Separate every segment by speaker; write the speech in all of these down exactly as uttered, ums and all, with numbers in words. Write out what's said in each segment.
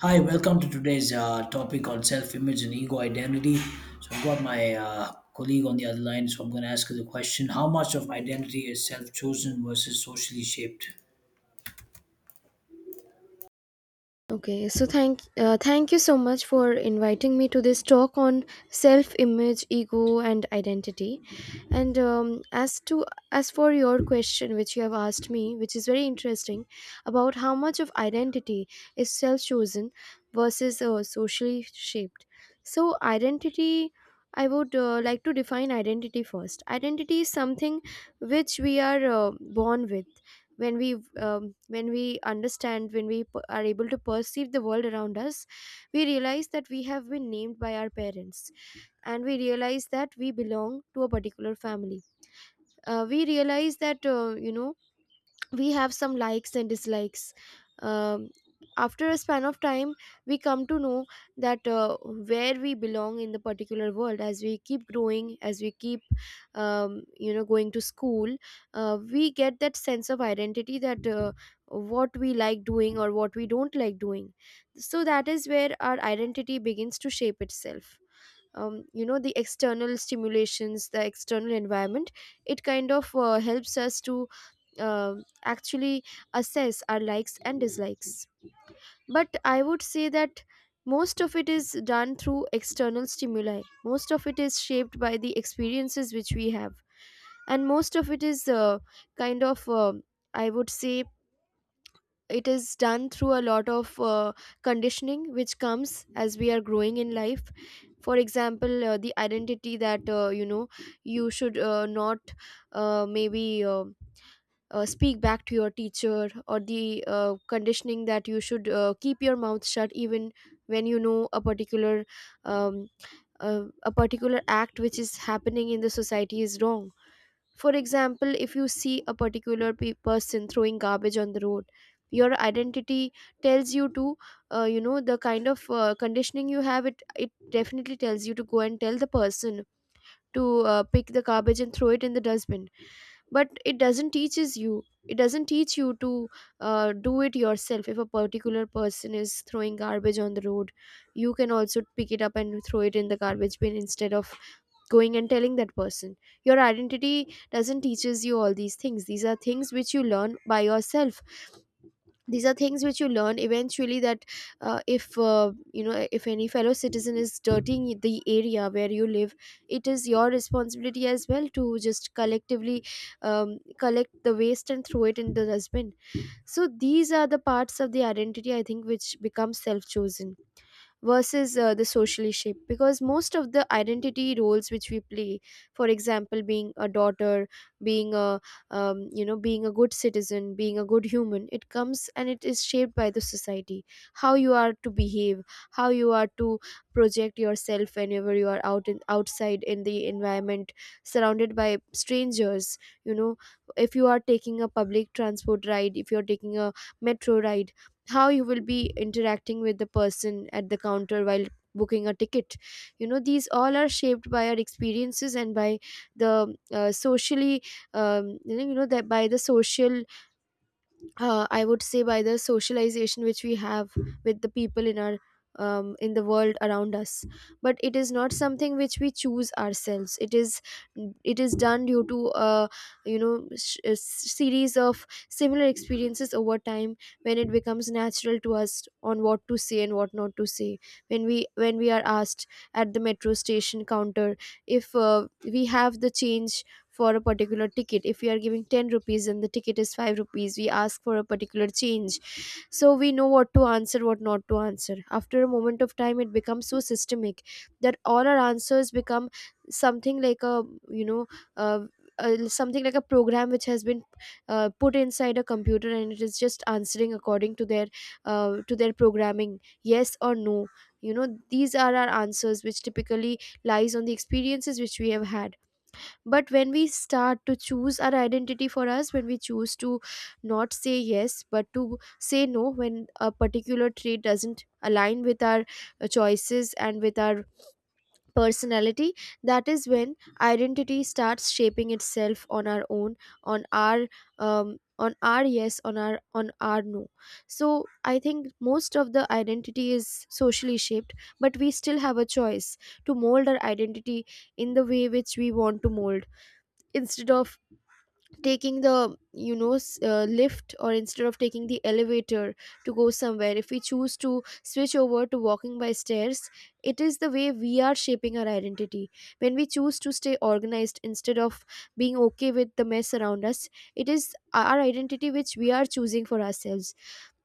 Speaker 1: Hi, welcome to today's uh, topic on self-image and ego identity. So I've got my uh, colleague on the other line, so I'm going to ask her the question: How much of identity is self-chosen versus socially shaped?
Speaker 2: Okay, so thank uh, thank you so much for inviting me to this talk on self-image, ego, and identity. And um, as to as for your question, which you have asked me, which is very interesting, about how much of identity is self-chosen versus uh, socially shaped. So identity, I would uh, like to define identity first. Identity is something which we are uh, born with when we um, when we understand when we p- are able to perceive the world around us. We realize that we have been named by our parents, and we realize that we belong to a particular family. Uh, we realize that uh, you know we have some likes and dislikes. um, After a span of time we come to know that uh, where we belong in the particular world, as we keep growing, as we keep um, you know going to school, uh, we get that sense of identity, that uh, what we like doing or what we don't like doing. So that is where our identity begins to shape itself. Um, you know the external stimulations, the external environment, it kind of uh, helps us to uh, actually assess our likes and dislikes. But I would say that most of it is done through external stimuli, most of it is shaped by the experiences which we have, and most of it is uh, kind of, uh, I would say, it is done through a lot of uh, conditioning which comes as we are growing in life. For example, uh, the identity that, uh, you know you should uh, not, uh, maybe uh, uh, speak back to your teacher, or the uh, conditioning that you should uh, keep your mouth shut even when you know a particular um, uh, a particular act which is happening in the society is wrong. For example, if you see a particular pe- person throwing garbage on the road, your identity tells you to, uh, you know the kind of uh, conditioning you have, it it definitely tells you to go and tell the person to uh, pick the garbage and throw it in the dustbin. But it doesn't teaches you it doesn't teach you to uh, do it yourself. If a particular person is throwing garbage on the road, you can also pick it up and throw it in the garbage bin instead of going and telling that person. Your identity doesn't teaches you all these things. These are things which you learn by yourself. These are things which you learn eventually, that uh, if, uh, you know if any fellow citizen is dirtying the area where you live, it is your responsibility as well to just collectively um, collect the waste and throw it in the dustbin. So these are the parts of the identity, I think, which becomes self chosen versus uh, the socially shape, because most of the identity roles which we play, for example, being a daughter, being a, um, you know being a good citizen, being a good human, it comes and it is shaped by the society. How you are to behave, how you are to project yourself whenever you are out in outside in the environment, surrounded by strangers, you know, if you are taking a public transport ride, if you are taking a metro ride, how you will be interacting with the person at the counter while booking a ticket. You know, these all are shaped by our experiences and by the uh, socially um, you know that by the social uh, I would say by the socialization which we have with the people in our um, in the world around us. But it is not something which we choose ourselves. It is it is done due to a, you know, sh- a s- series of similar experiences over time, when it becomes natural to us on what to say and what not to say. When we when we are asked at the metro station counter if uh, we have the change for a particular ticket, if we are giving ten rupees and the ticket is five rupees, we ask for a particular change. So we know what to answer, what not to answer. After a moment of time, it becomes so systemic that all our answers become something like a, you know, uh, uh, something like a program which has been uh, put inside a computer and it is just answering according to their uh, to their programming, yes or no. You know, these are our answers which typically lies on the experiences which we have had. But when we start to choose our identity for us, when we choose to not say yes but to say no, when a particular trait doesn't align with our uh, choices and with our personality, that is when identity starts shaping itself on our own, on our um, on our yes, on our, on our no. So I think most of the identity is socially shaped, but we still have a choice to mold our identity in the way which we want to mold. Instead of taking the, you know, s- uh, lift, or instead of taking the elevator to go somewhere, if we choose to switch over to walking by stairs, it is the way we are shaping our identity. When we choose to stay organized instead of being okay with the mess around us, it is our identity which we are choosing for ourselves.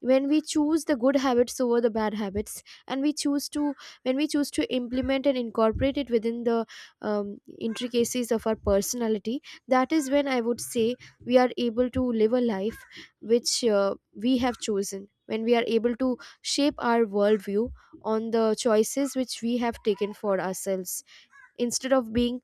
Speaker 2: When we choose the good habits over the bad habits, and we choose to, when we choose to implement and incorporate it within the um, intricacies of our personality, that is when, I would say, we are able to live a life which uh, we have chosen, when we are able to shape our worldview on the choices which we have taken for ourselves, instead of being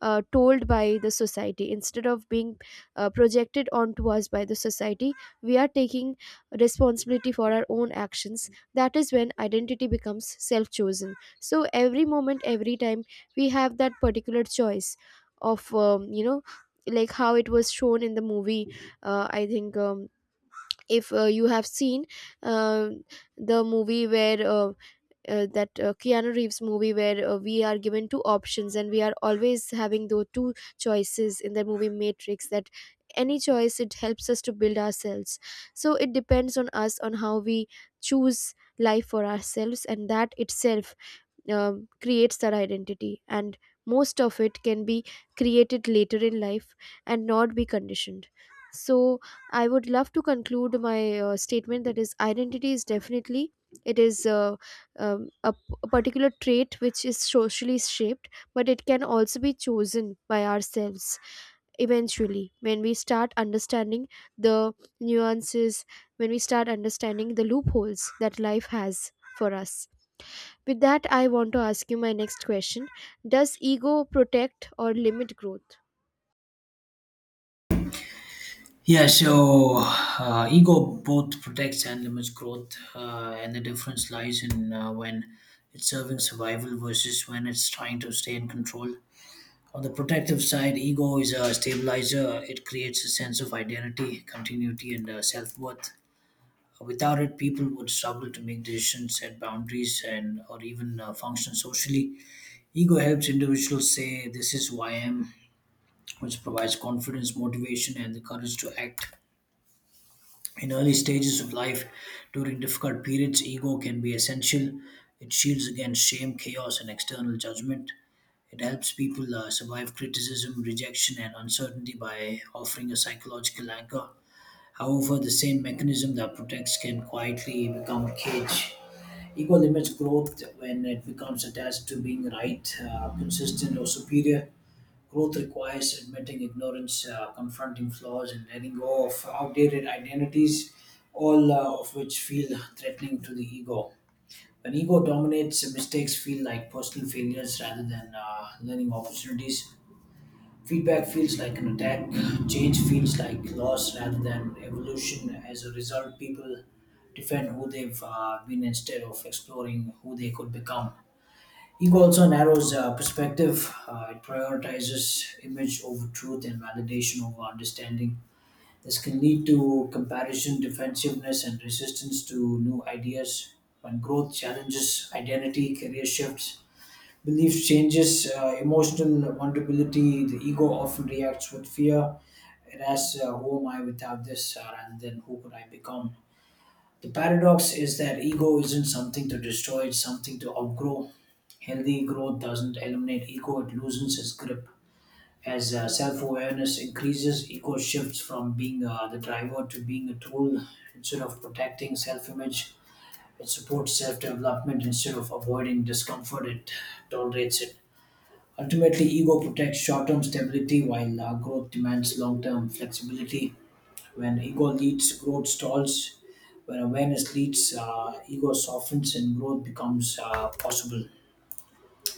Speaker 2: uh, told by the society, instead of being uh, projected onto us by the society. We are taking responsibility for our own actions. That is when identity becomes self chosen. So every moment, every time, we have that particular choice of, um, you know like how it was shown in the movie. uh, I think, um, if uh, you have seen uh, the movie where uh, uh, that uh, Keanu Reeves movie where uh, we are given two options and we are always having those two choices, in the movie Matrix, that any choice, it helps us to build ourselves. So it depends on us on how we choose life for ourselves, and that itself um, creates their identity. And most of it can be created later in life and not be conditioned. So I would love to conclude my uh, statement, that is, identity is definitely, it is, uh, um, a, p- a particular trait which is socially shaped, but it can also be chosen by ourselves eventually, when we start understanding the nuances, when we start understanding the loopholes that life has for us. With that, I want to ask you my next question. Does ego protect or limit growth?
Speaker 1: Yeah, so uh, ego both protects and limits growth, uh, and the difference lies in uh, when it's serving survival versus when it's trying to stay in control. On the protective side, ego is a stabilizer. It creates a sense of identity, continuity, and uh, self worth. Without it, people would struggle to make decisions, set boundaries, and or even uh, function socially. Ego helps individuals say, "This is who I am," which provides confidence, motivation, and the courage to act. In early stages of life, during difficult periods, ego can be essential. It shields against shame, chaos, and external judgment. It helps people uh, survive criticism, rejection, and uncertainty by offering a psychological anchor. However, the same mechanism that protects can quietly become a cage. Ego limits growth when it becomes attached to being right, uh, consistent, or superior. Growth requires admitting ignorance, uh, confronting flaws, and letting go of outdated identities, all uh, of which feel threatening to the ego. When ego dominates, mistakes feel like personal failures rather than uh, learning opportunities. Feedback feels like an attack, change feels like loss rather than evolution. As a result, people defend who they've uh, been instead of exploring who they could become. Ego also narrows uh, perspective. Uh, it prioritizes image over truth and validation over understanding. This can lead to comparison, defensiveness, and resistance to new ideas. When growth challenges identity, career shifts, belief changes, uh, emotional vulnerability, the ego often reacts with fear. It asks, uh, who am I without this? Uh, rather than who could I become? The paradox is that ego isn't something to destroy, it's something to outgrow. Healthy growth doesn't eliminate ego, it loosens its grip. As uh, self awareness increases, ego shifts from being uh, the driver to being a tool. Instead of protecting self image, it supports self development. Instead of avoiding discomfort, it tolerates it. Ultimately, ego protects short term stability while uh, growth demands long term flexibility. When ego leads, growth stalls. When awareness leads, uh, ego softens and growth becomes uh, possible.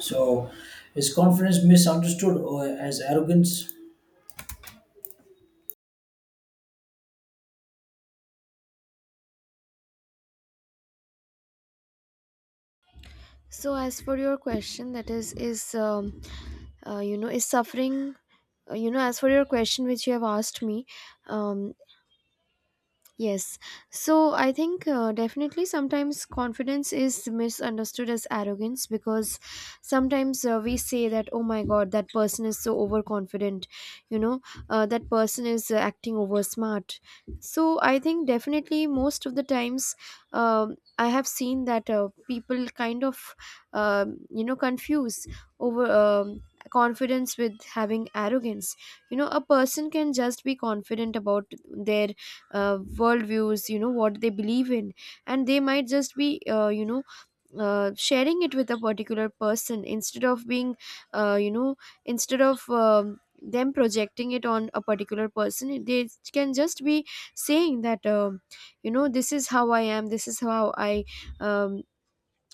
Speaker 1: So, is confidence misunderstood or as arrogance?
Speaker 2: So as for your question, that is, is um, uh, you know, is suffering. uh, You know, as for your question which you have asked me, um, yes. So I think uh, definitely sometimes confidence is misunderstood as arrogance, because sometimes uh, we say that, oh my God, that person is so overconfident, you know, uh, that person is uh, acting over smart. So I think definitely most of the times, um, I have seen that uh, people kind of, um, you know, confuse over. Um, confidence with having arrogance. You know, a person can just be confident about their uh, worldviews, you know, what they believe in, and they might just be, uh, you know uh, sharing it with a particular person, instead of being, uh, you know instead of um, them projecting it on a particular person. They can just be saying that, um, you know, this is how I am, this is how I, um,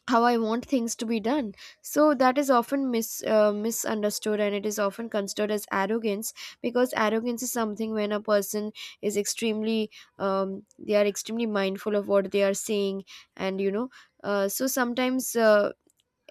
Speaker 2: how I want things to be done. So that is often mis uh, misunderstood, and it is often considered as arrogance, because arrogance is something when a person is extremely, um, they are extremely mindful of what they are saying, and you know. Uh, so sometimes uh,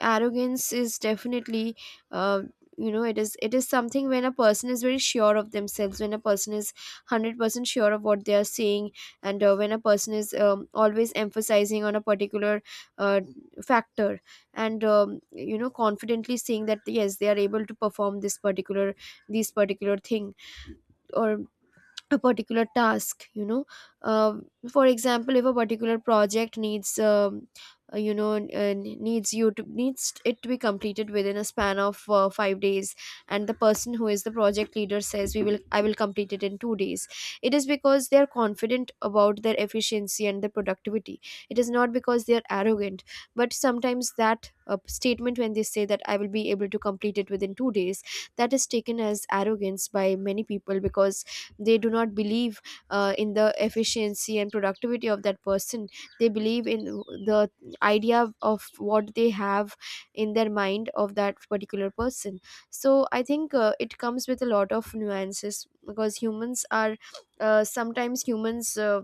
Speaker 2: arrogance is definitely, uh, you know, it is it is something when a person is very sure of themselves, when a person is one hundred percent sure of what they are saying, and uh, when a person is, um, always emphasizing on a particular uh, factor, and um, you know, confidently saying that yes they are able to perform this particular, these particular thing, or a particular task, you know, uh, for example, if a particular project needs, um, uh, you know n- uh, needs you to needs it to be completed within a span of uh, five days, and the person who is the project leader says we will, I will complete it in two days. It is because they are confident about their efficiency and their productivity. It is not because they are arrogant. But sometimes that uh, statement, when they say that I will be able to complete it within two days, that is taken as arrogance by many people because they do not believe uh, in the efficiency and productivity of that person. They believe in the idea of what they have in their mind of that particular person. So I think uh, it comes with a lot of nuances, because humans are, uh, sometimes humans uh,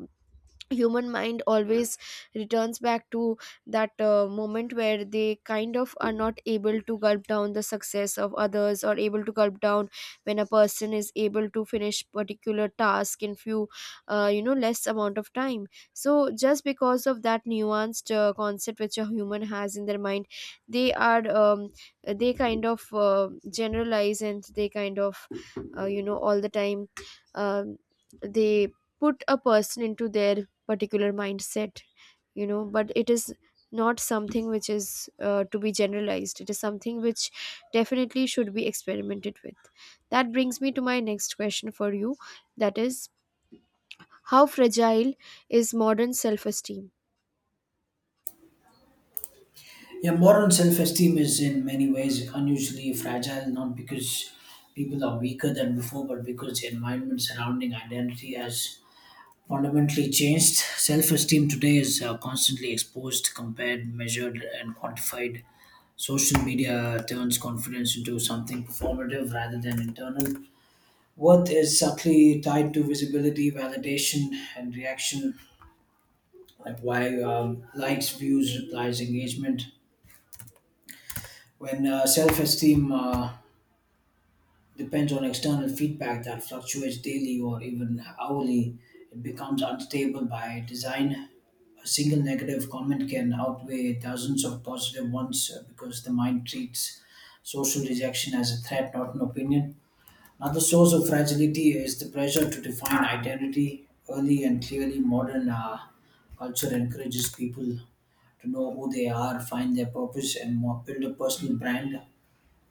Speaker 2: human mind always returns back to that uh, moment where they kind of are not able to gulp down the success of others, or able to gulp down when a person is able to finish particular task in few uh, you know less amount of time. So just because of that nuanced uh, concept which a human has in their mind, they are, um, they kind of uh, generalize and they kind of uh, you know all the time um, they put a person into their particular mindset. You know, but it is not something which is uh, to be generalized, it is something which definitely should be experimented with. That brings me to my next question for you, that is, how fragile is modern self esteem
Speaker 1: Yeah, modern self esteem is in many ways unusually fragile, not because people are weaker than before, but because the environment surrounding identity has fundamentally changed. Self esteem today is uh, constantly exposed, compared, measured, and quantified. Social media turns confidence into something performative rather than internal. Worth is subtly tied to visibility, validation, and reaction like why um, likes, views, replies, engagement. When uh, self-esteem uh, depends on external feedback that fluctuates daily or even hourly, it becomes unstable by design. A single negative comment can outweigh dozens of positive ones uh, because the mind treats social rejection as a threat, not an opinion. Another source of fragility is the pressure to define identity early and clearly. Modern uh, culture encourages people to know who they are, find their purpose, and mo- build a personal brand.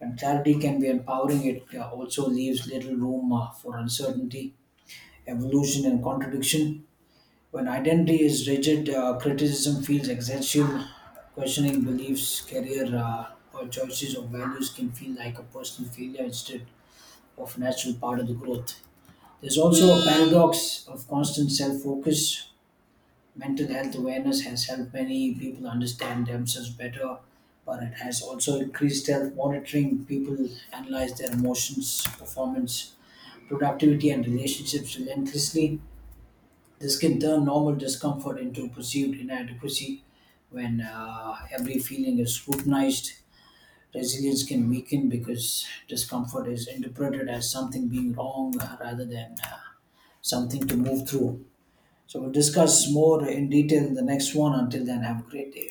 Speaker 1: And clarity can be empowering, it uh, also leaves little room uh, for uncertainty, evolution, and contradiction. When identity is rigid, uh, criticism feels existential. Questioning beliefs, career, uh, or choices or values can feel like a personal failure instead of a natural part of the growth. There's also a paradox of constant self focus. Mental health awareness has helped many people understand themselves better, but it has also increased self monitoring. People analyze their emotions, performance, productivity, and relationships relentlessly. This can turn normal discomfort into perceived inadequacy when uh, every feeling is scrutinized. Resilience can weaken because discomfort is interpreted as something being wrong uh, rather than uh, something to move through. So we'll discuss more in detail in the next one. Until then, have a great day.